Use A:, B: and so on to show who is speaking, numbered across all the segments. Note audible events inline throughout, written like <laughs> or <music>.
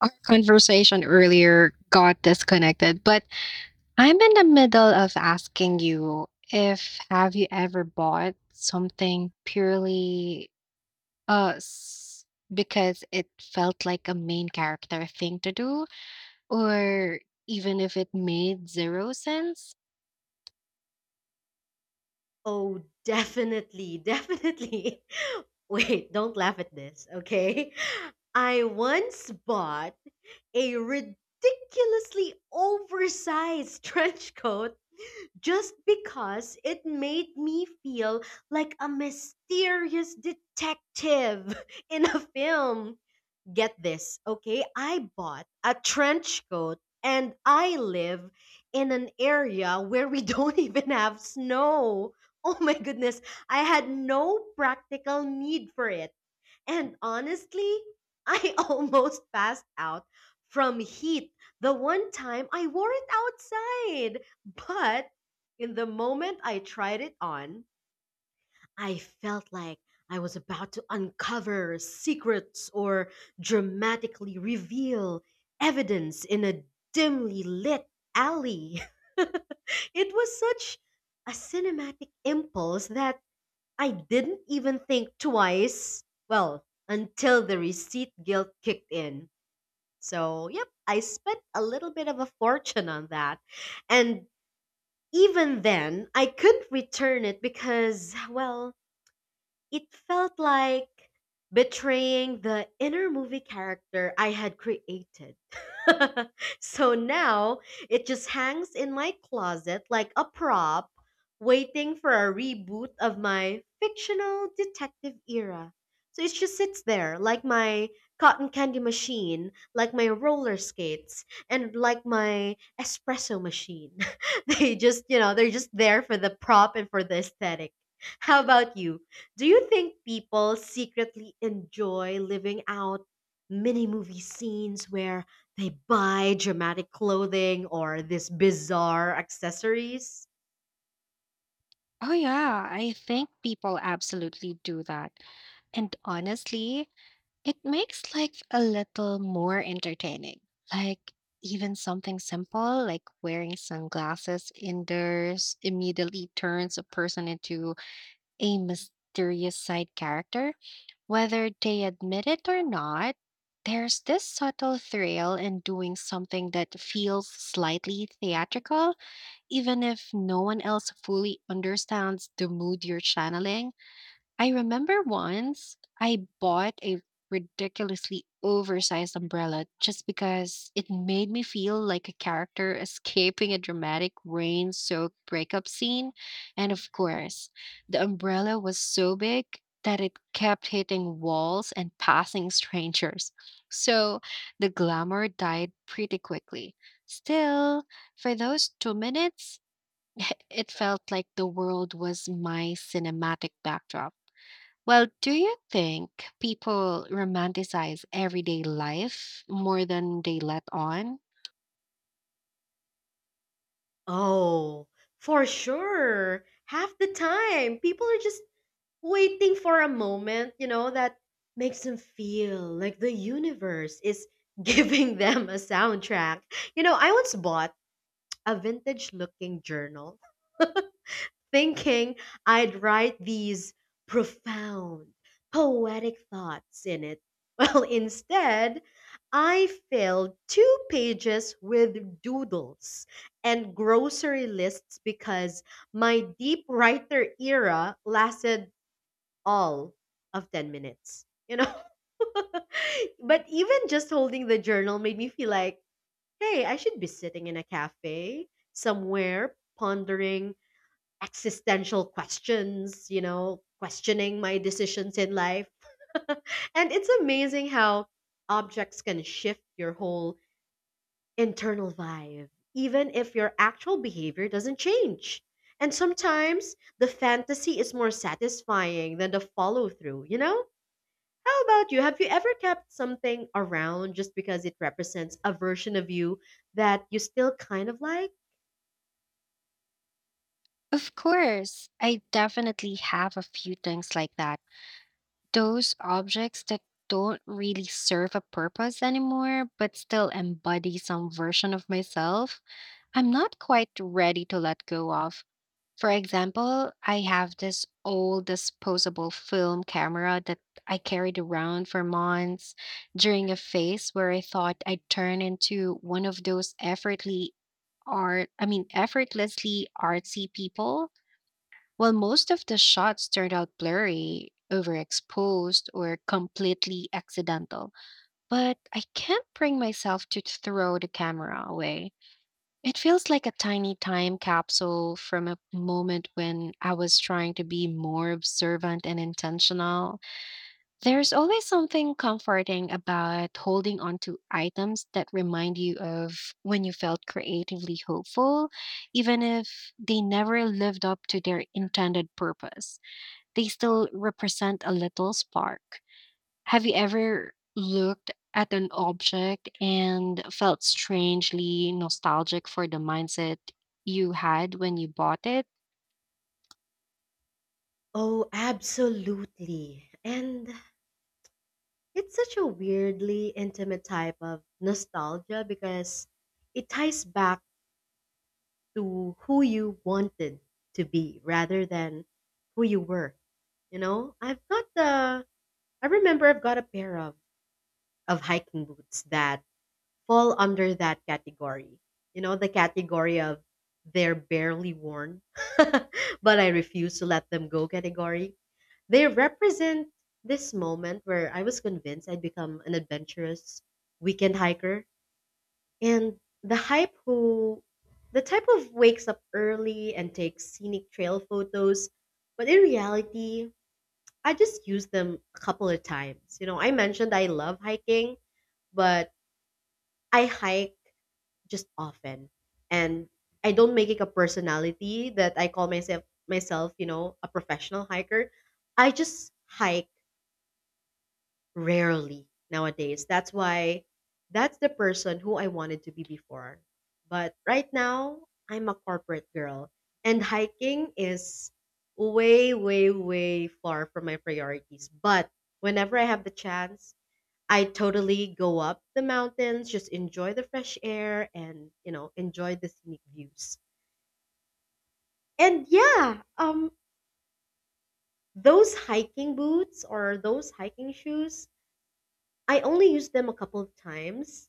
A: Our conversation earlier got disconnected, but I'm in the middle of asking you if have you ever bought something purely uh s- because it felt like a main character thing to do, or even if it made zero sense?
B: Oh, definitely, <laughs> definitely. Wait, don't laugh at this, okay? I once bought a ridiculously oversized trench coat just because it made me feel like a mysterious detective <laughs> in a film. Get this, okay? I bought a trench coat and I live in an area where we don't <laughs> even have snow. Oh my goodness, I had no practical need for it. And honestly, I <laughs> almost passed out from heat the one time I wore it outside. But in the moment I tried it on, I felt like I was about to uncover secrets or dramatically reveal evidence in a dimly lit alley. <laughs> It was such a cinematic impulse that I didn't even think twice. Well, until the receipt guilt kicked in. So, yep, I spent a little bit of a fortune on that. And even then, I couldn't return it because, well, it felt like betraying the inner movie character I had created. <laughs> So now it just hangs in my closet like a prop, waiting for a reboot of my fictional detective era. So it just sits there like my cotton candy machine, like my roller skates, and like my espresso machine. <laughs> They just, they're just there for the prop and for the aesthetic. How about you? Do you think people secretly enjoy living out mini movie scenes where they buy dramatic clothing or these bizarre accessories?
A: Oh yeah, I think people absolutely do that. And honestly, it makes life a little more entertaining. Like, even something simple like wearing sunglasses indoors immediately turns a person into a mysterious side character. Whether they admit it or not, there's this subtle thrill in doing something that feels slightly theatrical, even if no one else fully understands the mood you're channeling. I remember once I bought a ridiculously oversized umbrella just because it made me feel like a character <laughs> escaping a dramatic rain soaked breakup scene. And of course, the umbrella was so big that it kept hitting walls and passing strangers. So the glamour died pretty quickly. Still, for those 2 minutes, <laughs> it felt like the world was my cinematic backdrop. Well, do you think people romanticize everyday life more than they let on?
B: Oh, for sure. Half the time, people are just waiting for a moment, that makes them feel like the universe is <laughs> giving them a soundtrack. I once bought a vintage looking journal <laughs> thinking I'd write these profound, poetic thoughts in it. <laughs> Well, instead, I filled two pages with doodles and grocery lists because my deep writer era lasted all of 10 minutes. You know? <laughs> But even just holding the journal made me feel like, hey, I should be sitting in a cafe somewhere pondering existential questions, questioning my decisions in life. <laughs> And it's amazing how objects can shift your whole internal vibe, even if your actual behavior doesn't change. And sometimes the fantasy is more satisfying than the follow through, you know? How about you? Have you ever kept something around just because it represents a version of you that you still kind of like?
A: Of course, I definitely have a few things like that. Those objects that don't really serve a purpose anymore, but still embody some version of myself, I'm not quite ready to let go of. For example, I have this old disposable film camera that I carried around for months during a phase where I thought I'd turn into one of those effortly art I mean effortlessly artsy people. Well, most of the shots turned out blurry, overexposed, or completely accidental. But I can't bring myself to throw the camera away. It feels like a tiny time capsule from a moment when I was trying to be more observant and intentional. There's always something comforting about holding on to items that remind you of when you felt creatively hopeful, even if they never lived up to their intended purpose. They still represent a little spark. Have you ever looked at an object and felt strangely nostalgic for the mindset you had when you bought it?
B: Oh, absolutely. And it's such a weirdly intimate type of nostalgia because it ties back to who you wanted to be rather than who you were. You know, I've got the I remember I've got a pair of hiking boots that fall under that category. The category of they're barely worn, <laughs> but I refuse to let them go category. They represent this moment where I was convinced I'd become an adventurous weekend hiker. And the hype who the type of wakes up early and takes scenic trail photos, but in reality, I just used them a couple of times. I mentioned I love hiking, but I hike just often. And I don't make it a personality that I call myself, a professional hiker. I just hike rarely nowadays. That's the person who I wanted to be before. But right now, I'm a corporate girl. And hiking is way, way, way far from my priorities. But whenever I have the chance, I totally go up the mountains, just enjoy the fresh air and, enjoy the scenic views. And yeah, those hiking boots or those hiking shoes, I only used them a couple of times.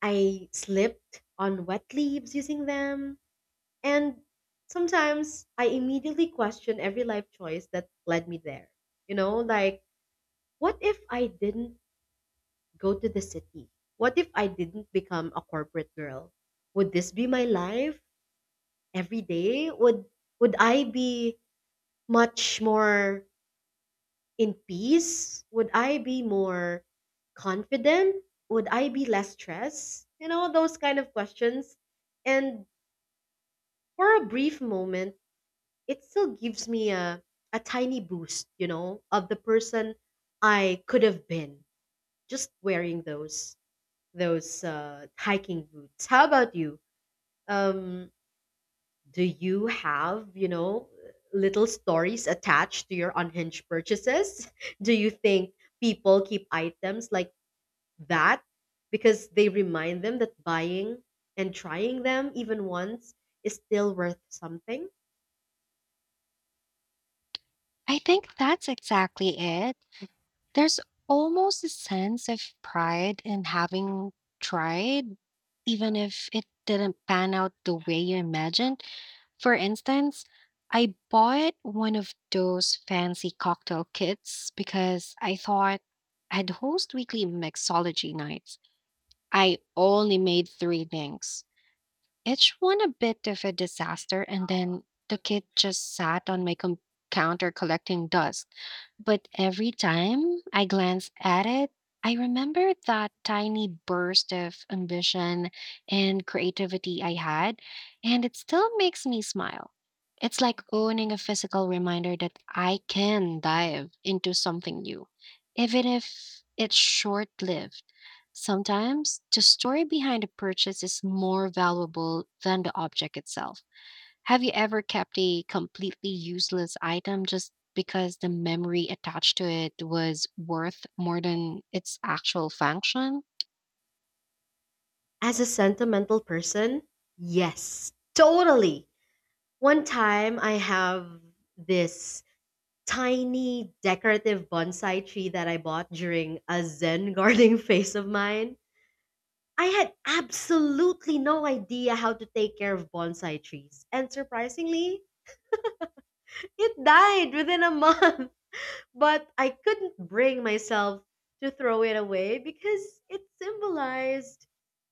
B: I slipped on wet leaves using them, and sometimes I immediately question every life choice that led me there. Like, what if I didn't go to the city? What if I didn't become a corporate girl? Would this be my life every day? Would I be much more in peace? Would I be more confident? Would I be less stressed? Those kind of questions. And for a brief moment, it still gives me a tiny boost, of the person I could have been just wearing those hiking boots. How about you? Um, do you have, little stories attached to your unhinged purchases? <laughs> Do you think people keep items like that because they remind them that buying and trying them even once is still worth something?
A: I think that's exactly it. There's almost a sense of pride in having tried, even if it didn't pan out the way you imagined. For instance, I bought one of those fancy cocktail kits because I thought I'd host weekly mixology nights. I only made three things, each one a bit of a disaster, and then the kid just sat on my counter collecting dust. But every time I glance at it, I remember that tiny burst of ambition and creativity I had, and it still makes me smile. It's like owning a physical reminder that I can dive into something new, even if it's short lived. Sometimes the story behind a purchase is more valuable than the object itself. Have you ever kept a completely useless item just because the memory attached to it was worth more than its actual function?
B: As a sentimental person, yes, totally. One time I have this tiny decorative bonsai tree that I bought during a Zen gardening <laughs> phase of mine. I had absolutely no idea how to take care of bonsai trees, and surprisingly, it died within a month. But I couldn't bring myself to throw it away because it symbolized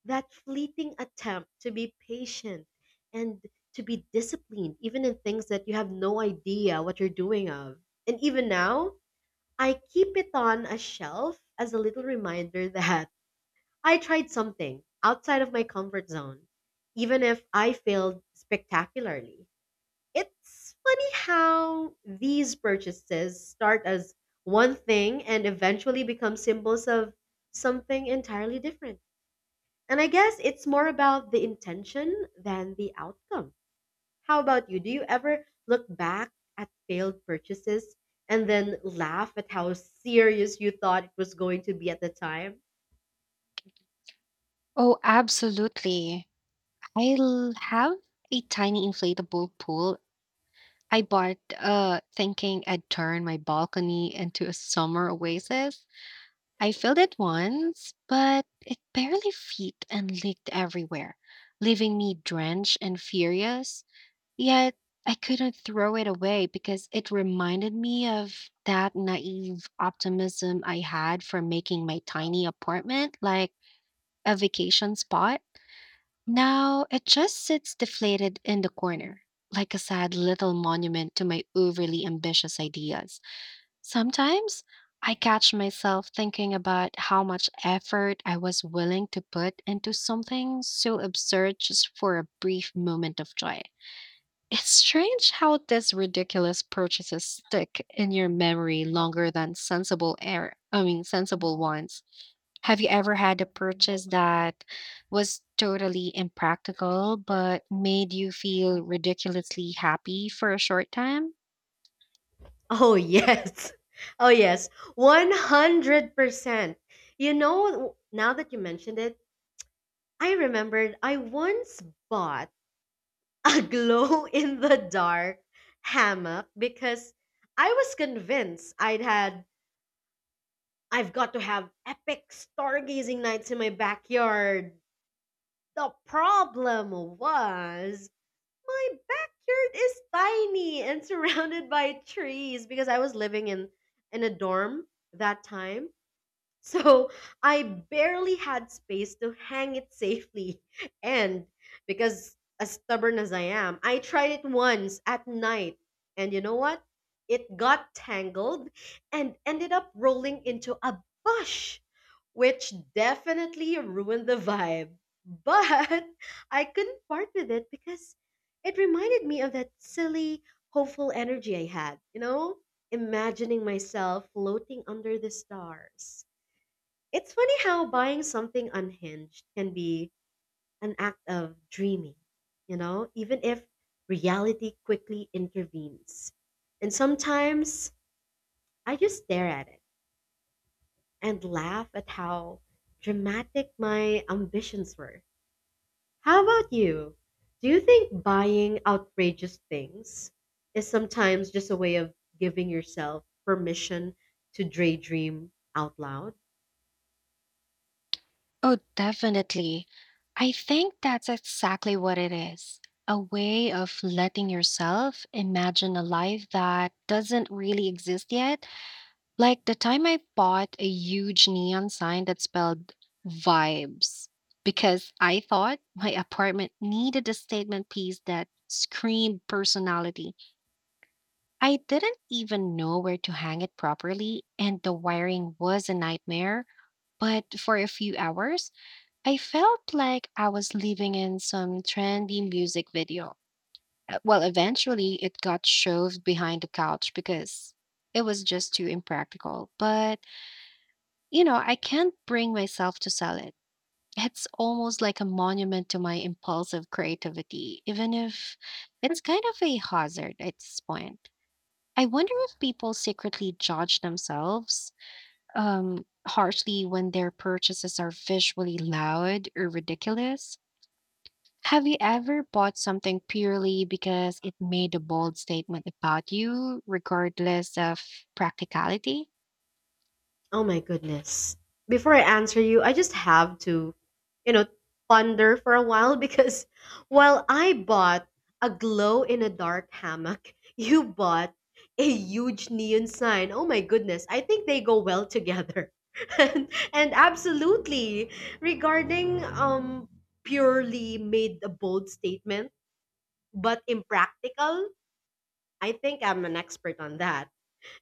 B: that fleeting attempt to be patient and to be disciplined, even in things that you have no idea what you're doing of. And even now, I keep it on a shelf as a little reminder <laughs> that I tried something outside of my comfort zone, even if I failed spectacularly. It's funny how these purchases start as one thing and eventually become symbols of something entirely different. And I guess it's more about the intention than the outcome. How about you? Do you ever look back at failed purchases and then laugh at how serious you thought it was going to be at the time?
A: Oh, absolutely. Have a tiny inflatable pool I bought, thinking I'd turn my balcony into a summer oasis. I filled it once, but it barely fit and leaked everywhere, leaving me drenched and furious. Yet I couldn't throw it away because it reminded me of that naive optimism I had for making my tiny apartment like a vacation spot. Now it just sits deflated in the corner, like a sad little monument to my overly ambitious ideas. Sometimes I catch myself thinking about how much effort I was willing to put into something so absurd just for a brief moment of joy. It's strange how these ridiculous purchases stick in your memory longer than I mean sensible ones. Have you ever had a purchase that was totally impractical but made you feel ridiculously happy for a short time?
B: Oh, yes. <laughs> Oh, yes. 100%. Now that you mentioned it, I remembered I once bought a <laughs> glow in the dark hammock because I was convinced I've got to have epic stargazing nights in my backyard. The problem was my backyard is tiny and <laughs> surrounded by trees because I was living in a dorm that time. So I barely had space to hang it safely. <laughs> And because as stubborn as I am, I tried it once at night. And you know what? It got tangled and ended up rolling into a bush, which definitely ruined the vibe. But <laughs> I couldn't part with it because it reminded me of that silly, hopeful energy I had, you know? Imagining myself floating under the stars. It's funny how buying something unhinged can be an act of dreaming, even if reality quickly intervenes. And sometimes I just stare at it and laugh at how dramatic my ambitions were. How about you? Do you think buying outrageous things is sometimes just a way of giving yourself permission to daydream out loud?
A: Oh, definitely. I think that's exactly what it is. A way of letting yourself imagine a life that doesn't really exist yet. Like the time I bought a huge neon sign that spelled vibes because I thought my apartment needed a statement piece that screamed personality. I didn't even know where to hang it properly, and the wiring was a nightmare. But for a few hours, I felt like I was living in some trendy music video. Well, eventually it got shoved behind the couch because it was just too impractical. But, you know, I can't bring myself to sell it. It's almost like a monument to my impulsive creativity, even if it's kind of a hazard at this point. I wonder if people secretly judge themselves harshly when their purchases are visually loud or ridiculous. Have you ever bought something purely because it made a bold statement about you, regardless of practicality?
B: Oh my goodness. Before I answer you, I just have to, you know, ponder for a while <laughs> because while I bought a glow in a dark hammock, <laughs> you bought a huge neon sign. Oh my goodness. I think they go well together. <laughs> And absolutely regarding purely made a bold statement but impractical, I think I'm an expert on that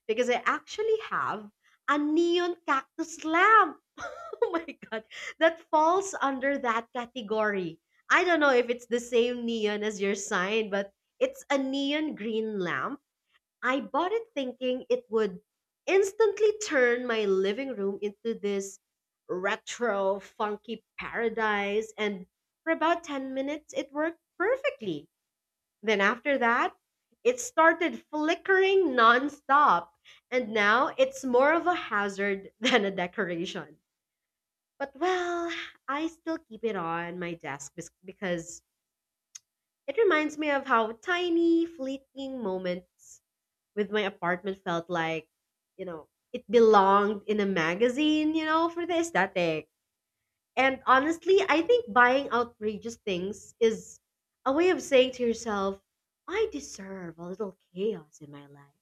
B: because I actually have a neon cactus lamp. <laughs> Oh my god, that falls under that category. I don't know if it's the same neon as your sign, but it's a neon green lamp. I bought it thinking it would instantly turn my living room into this retro, funky paradise. And for about 10 minutes, it worked perfectly. Then after that, it started flickering nonstop. And now it's more of a hazard <laughs> than a decoration. But well, I still keep it on my desk because it reminds me of how tiny, fleeting moments with my apartment felt like, it belonged in a magazine, for the aesthetic. And honestly, I think buying outrageous things is a way of saying to yourself, I deserve a little chaos in my life.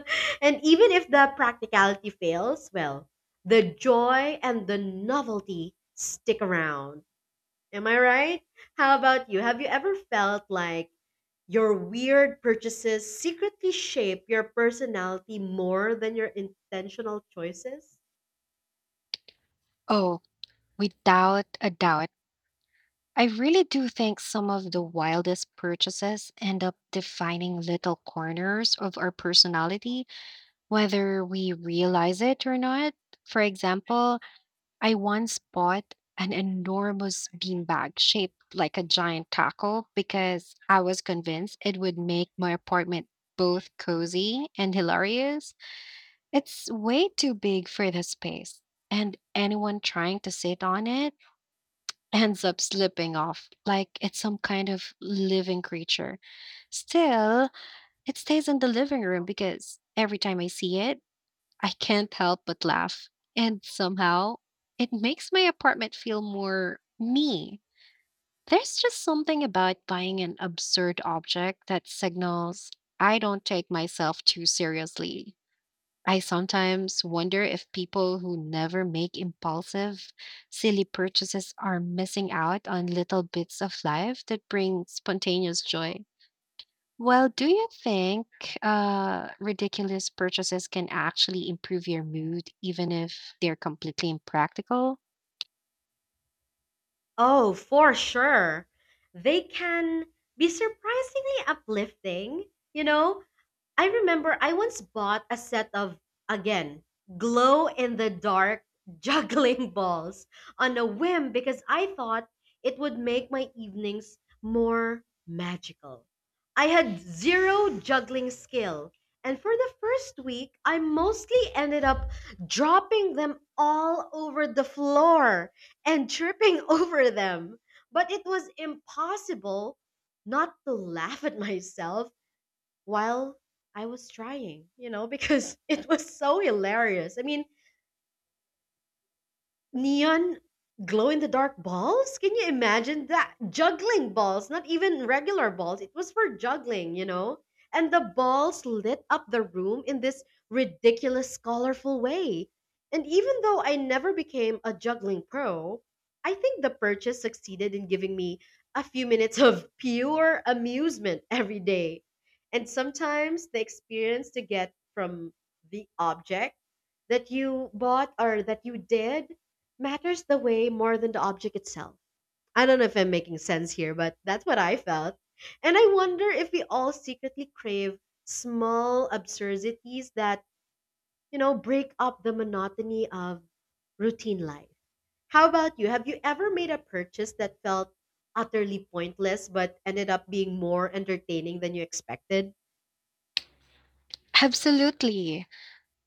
B: <laughs> And even if the practicality fails, well, the joy and the novelty stick around. Am I right? How about you? Have you ever felt like your weird purchases secretly shape your personality more than your intentional choices?
A: Oh, without a doubt. I really do think some of the wildest purchases end up defining little corners of our personality, whether we realize it or not. For example, I once bought an enormous beanbag shaped like a giant taco because I was convinced it would make my apartment both cozy and hilarious. It's way too big for the space, and anyone trying to sit on it ends up slipping off like it's some kind of living creature. Still, it stays in the living room because every time I see it, I can't help but laugh. And somehow, it makes my apartment feel more me. There's just something about buying an absurd object that signals I don't take myself too seriously. I sometimes wonder if people who never make impulsive, silly purchases are missing out on little bits of life that bring spontaneous joy. Well, do you think ridiculous purchases can actually improve your mood, even if they're completely impractical?
B: Oh, for sure. They can be surprisingly uplifting, you know, I remember I once bought a set of, again, glow in the dark <laughs> juggling balls on a whim because I thought it would make my evenings more magical. I had zero juggling skill, and for the first week, I mostly ended up dropping them all over the floor and tripping <laughs> over them. But it was impossible not to laugh at myself while I was trying, because <laughs> it was so hilarious. I mean, neon glow in the dark balls? Can you imagine that? Juggling balls, not even regular balls. It was for juggling, you know? And the balls lit up the room in this ridiculous, colorful way. And even though I never became a juggling pro, I think the purchase succeeded in giving me a few minutes of pure amusement every day. And sometimes the experience to get from the object that you bought or that you did matters the way more than the object itself. I don't know if I'm making sense here, but that's what I felt. And I wonder if we all secretly crave small absurdities that, break up the monotony of routine life. How about you? Have you ever made a purchase that felt utterly pointless but ended up being more entertaining than you expected?
A: Absolutely.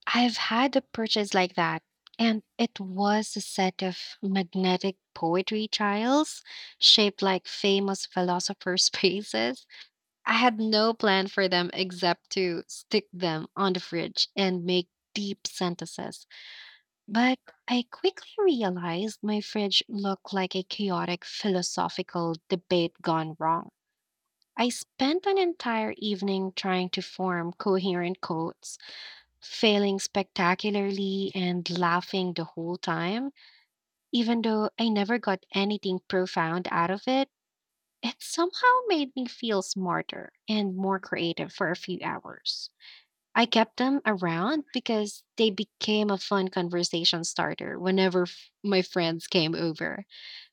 A: I've had a purchase like that, and it was a set of magnetic poetry tiles shaped like famous philosophers' <laughs> faces. I had no plan for them except to stick them on the fridge and make deep sentences. But I quickly realized my fridge looked like a chaotic philosophical debate gone wrong. I spent an entire evening trying to form coherent quotes, failing spectacularly and laughing the whole time. Even though I never got anything profound out of it, it somehow made me feel smarter and more creative for a few hours. I kept them around because they became a fun conversation starter whenever my friends came over.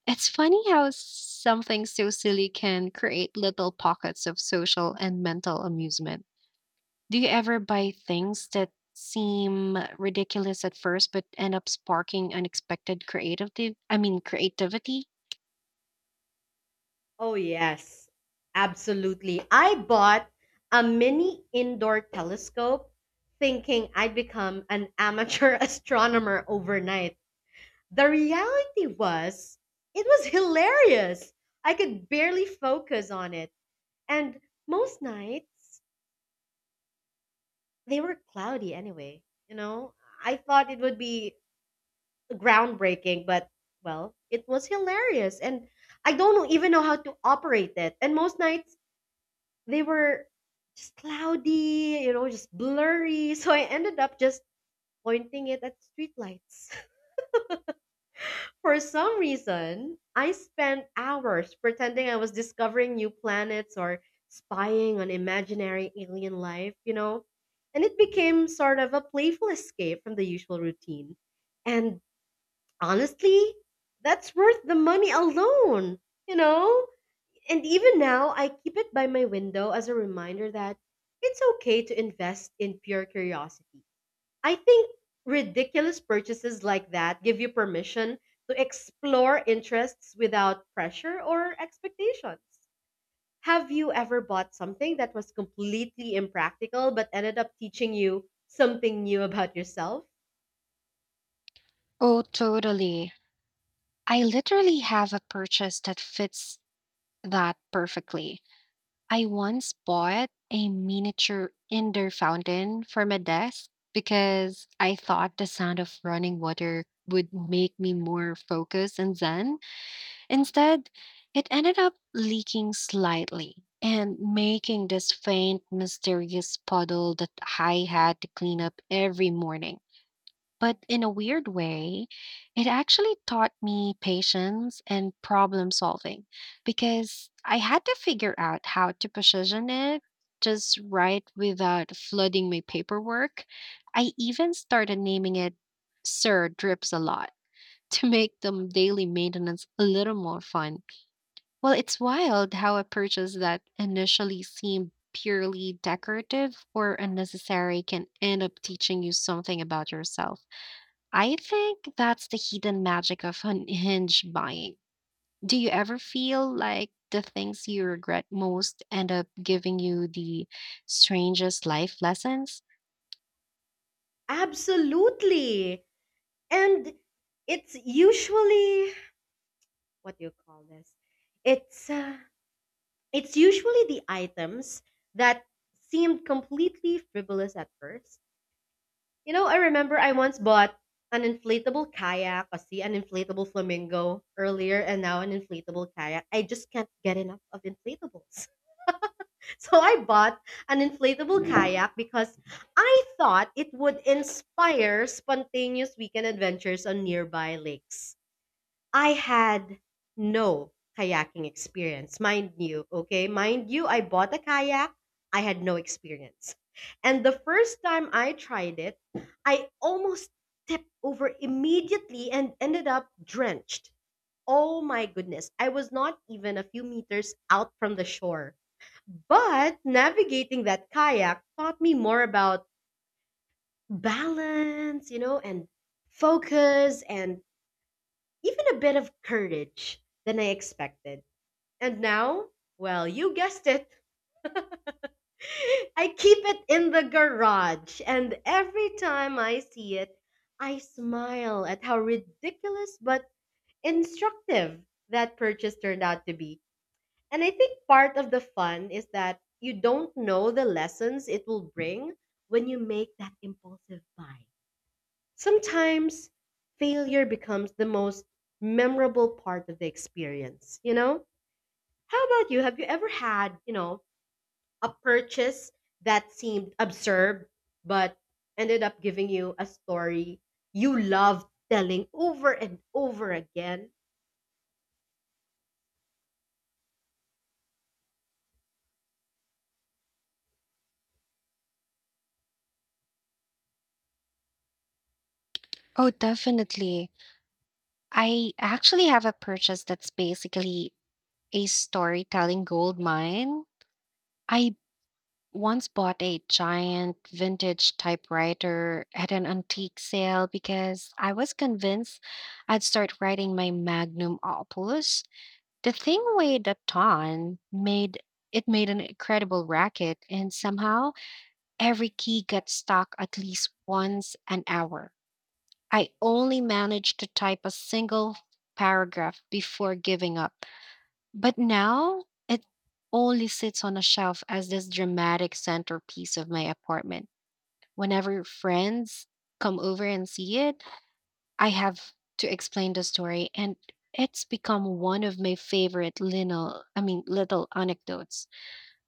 A: It's funny how something so silly can create little pockets of social and mental amusement. Do you ever buy things that seem ridiculous at first but end up sparking unexpected creative I mean creativity?
B: Oh, yes, absolutely. I bought a mini indoor telescope thinking I'd become an amateur <laughs> astronomer overnight. The reality was, it was hilarious. I could barely focus on it. And most nights, they were cloudy anyway. You know, I thought it would be groundbreaking, but well, it was hilarious. And I don't even know how to operate it. And most nights, they were just cloudy, just blurry. <laughs> So I ended up just pointing it at streetlights. <laughs> For some reason, I spent hours pretending I was discovering new planets or spying on imaginary alien life. And it became sort of a playful escape from the usual routine. And honestly, that's worth the money alone, you know? And even now, I keep it by my window as a reminder that it's okay to invest in pure curiosity. I think ridiculous purchases like that give you permission to explore interests without pressure or expectations. Have you ever bought something that was completely impractical but ended up teaching you something new about yourself?
A: Oh, totally. I literally have a purchase that fits that perfectly. I once bought a miniature indoor fountain for my desk because I thought the sound of running water would make me more focused and zen. Instead, it ended up leaking slightly and making this faint, mysterious puddle that I had to clean up every morning. But in a weird way, it actually taught me patience and problem solving because I had to figure out how to position it just right without flooding my paperwork. I even started naming it Sir Drips a Lot <laughs> to make the daily maintenance a little more fun. Well, it's wild how a purchase that initially seemed purely decorative or unnecessary can end up teaching you something about yourself. I think that's the hidden magic of hinge buying. Do you ever feel like the things you regret most end up giving you the strangest life lessons?
B: Absolutely. And it's usually, what do you call this? It's uh, It's usually the items that seemed completely frivolous at first. I remember I once bought an inflatable kayak, kasi an inflatable flamingo earlier, and now an inflatable kayak. I just can't get enough of inflatables. <laughs> So I bought an inflatable kayak because I thought it would inspire spontaneous weekend adventures on nearby lakes. I had no kayaking experience. Mind you, okay? Mind you, I bought a kayak. I had no experience. And the first time I tried it, I almost tipped over immediately and ended up drenched. Oh my goodness. I was not even a few meters out from the shore. But navigating that kayak taught me more about balance, and focus and even a bit of courage than I expected. And now, well, you guessed it. <laughs> I keep it in the garage, and every time I see it, I smile at how ridiculous but instructive that purchase turned out to be. And I think part of the fun is that you don't know the lessons it will bring when you make that impulsive buy. Sometimes failure becomes the most memorable part of the experience, you know? How about you? Have you ever had, a purchase that seemed absurd but ended up giving you a story you love telling over and over again?
A: Oh, definitely. I actually have a purchase that's basically a storytelling gold mine. I once bought a giant vintage typewriter at an antique sale because I was convinced I'd start writing my magnum opus. The thing weighed a ton, made an incredible racket, and somehow every key got stuck at least once an hour. I only managed to type a single paragraph before giving up. But now it only sits on a shelf as this dramatic centerpiece of my apartment. Whenever friends come over and see it, I have to explain the story, and it's become one of my favorite I mean, little anecdotes.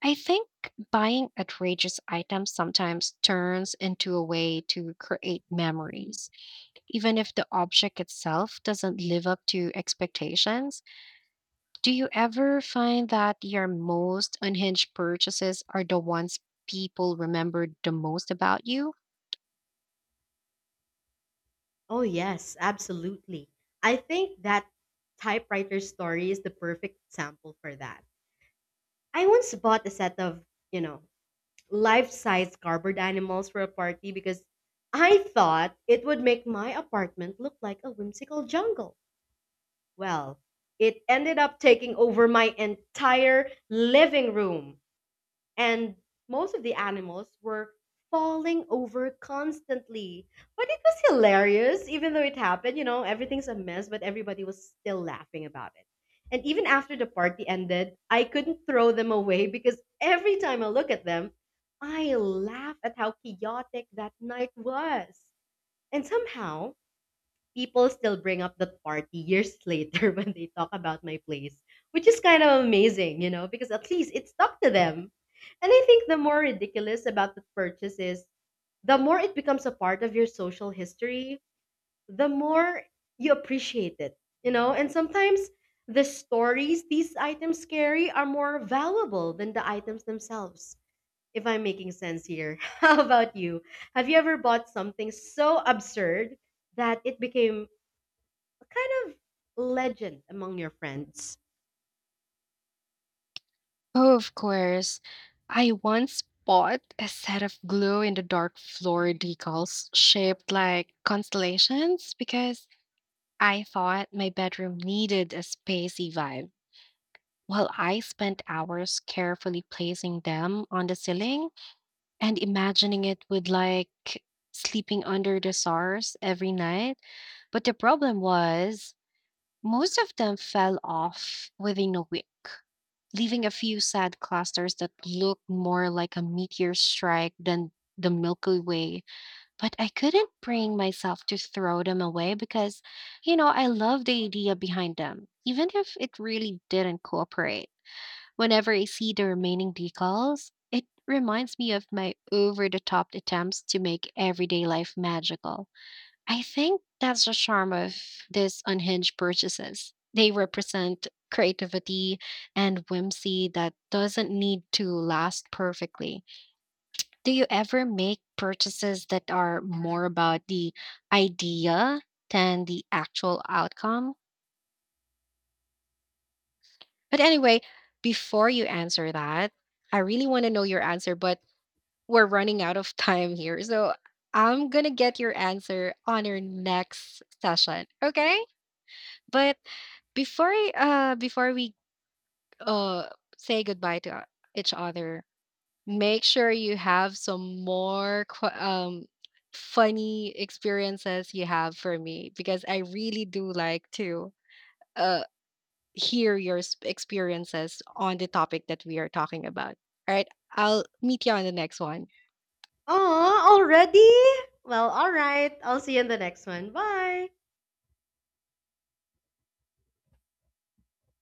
A: I think buying outrageous items sometimes turns into a way to create memories, even if the object itself doesn't live up to expectations. Do you ever find that your most unhinged purchases are the ones people remember the most about you?
B: Oh, yes, absolutely. I think that typewriter story is the perfect example for that. I once bought a set of, you know, life-size cardboard animals for a party because I thought it would make my apartment look like a whimsical jungle. Well, it ended up taking over my entire living room, and most of the animals were falling over constantly. But it was hilarious, even though it happened. Everything's a mess, but everybody was still laughing about it. And even after the party ended, I couldn't throw them away because every time I look at them, I laugh at how chaotic that night was. And somehow, people still bring up that party years <laughs> later when they talk about my place, which is kind of amazing, because at least it stuck to them. And I think the more ridiculous about the purchase is the more it becomes a part of your social history, the more you appreciate it, and sometimes the stories these items carry are more valuable than the items themselves. If I'm making sense here, <laughs> how about you? Have you ever bought something so absurd that it became what kind of legend among your friends?
A: Oh, of course. I once bought a set of glow in the dark floor decals shaped like constellations because I thought my bedroom needed a spacey vibe. Well, I spent hours carefully placing them on the ceiling and imagining it with like sleeping under the stars every night. But the problem was most of them fell off within a week, leaving a few sad clusters that looked more like a meteor strike than the Milky Way. But I couldn't bring myself to throw them away because, you know, I love the idea behind them, even if it really didn't cooperate. Whenever I see the remaining decals, it reminds me of my over the top attempts to make everyday life magical. I think that's the charm of these unhinged purchases. They represent creativity and whimsy that doesn't need to last perfectly. Do you ever make purchases that are more about the idea than the actual outcome? But anyway, before you answer that, I really want to know your answer, but we're running out of <laughs> time here. So I'm going to get your answer on your next session. Okay. But before we uh say goodbye to each other, make sure you have some more funny experiences you have for me because I really do like to uh hear your experiences on the topic that we are talking about. All right, I'll meet you on the next one.
B: Oh, already? Well, all right. I'll see you in the next one. Bye.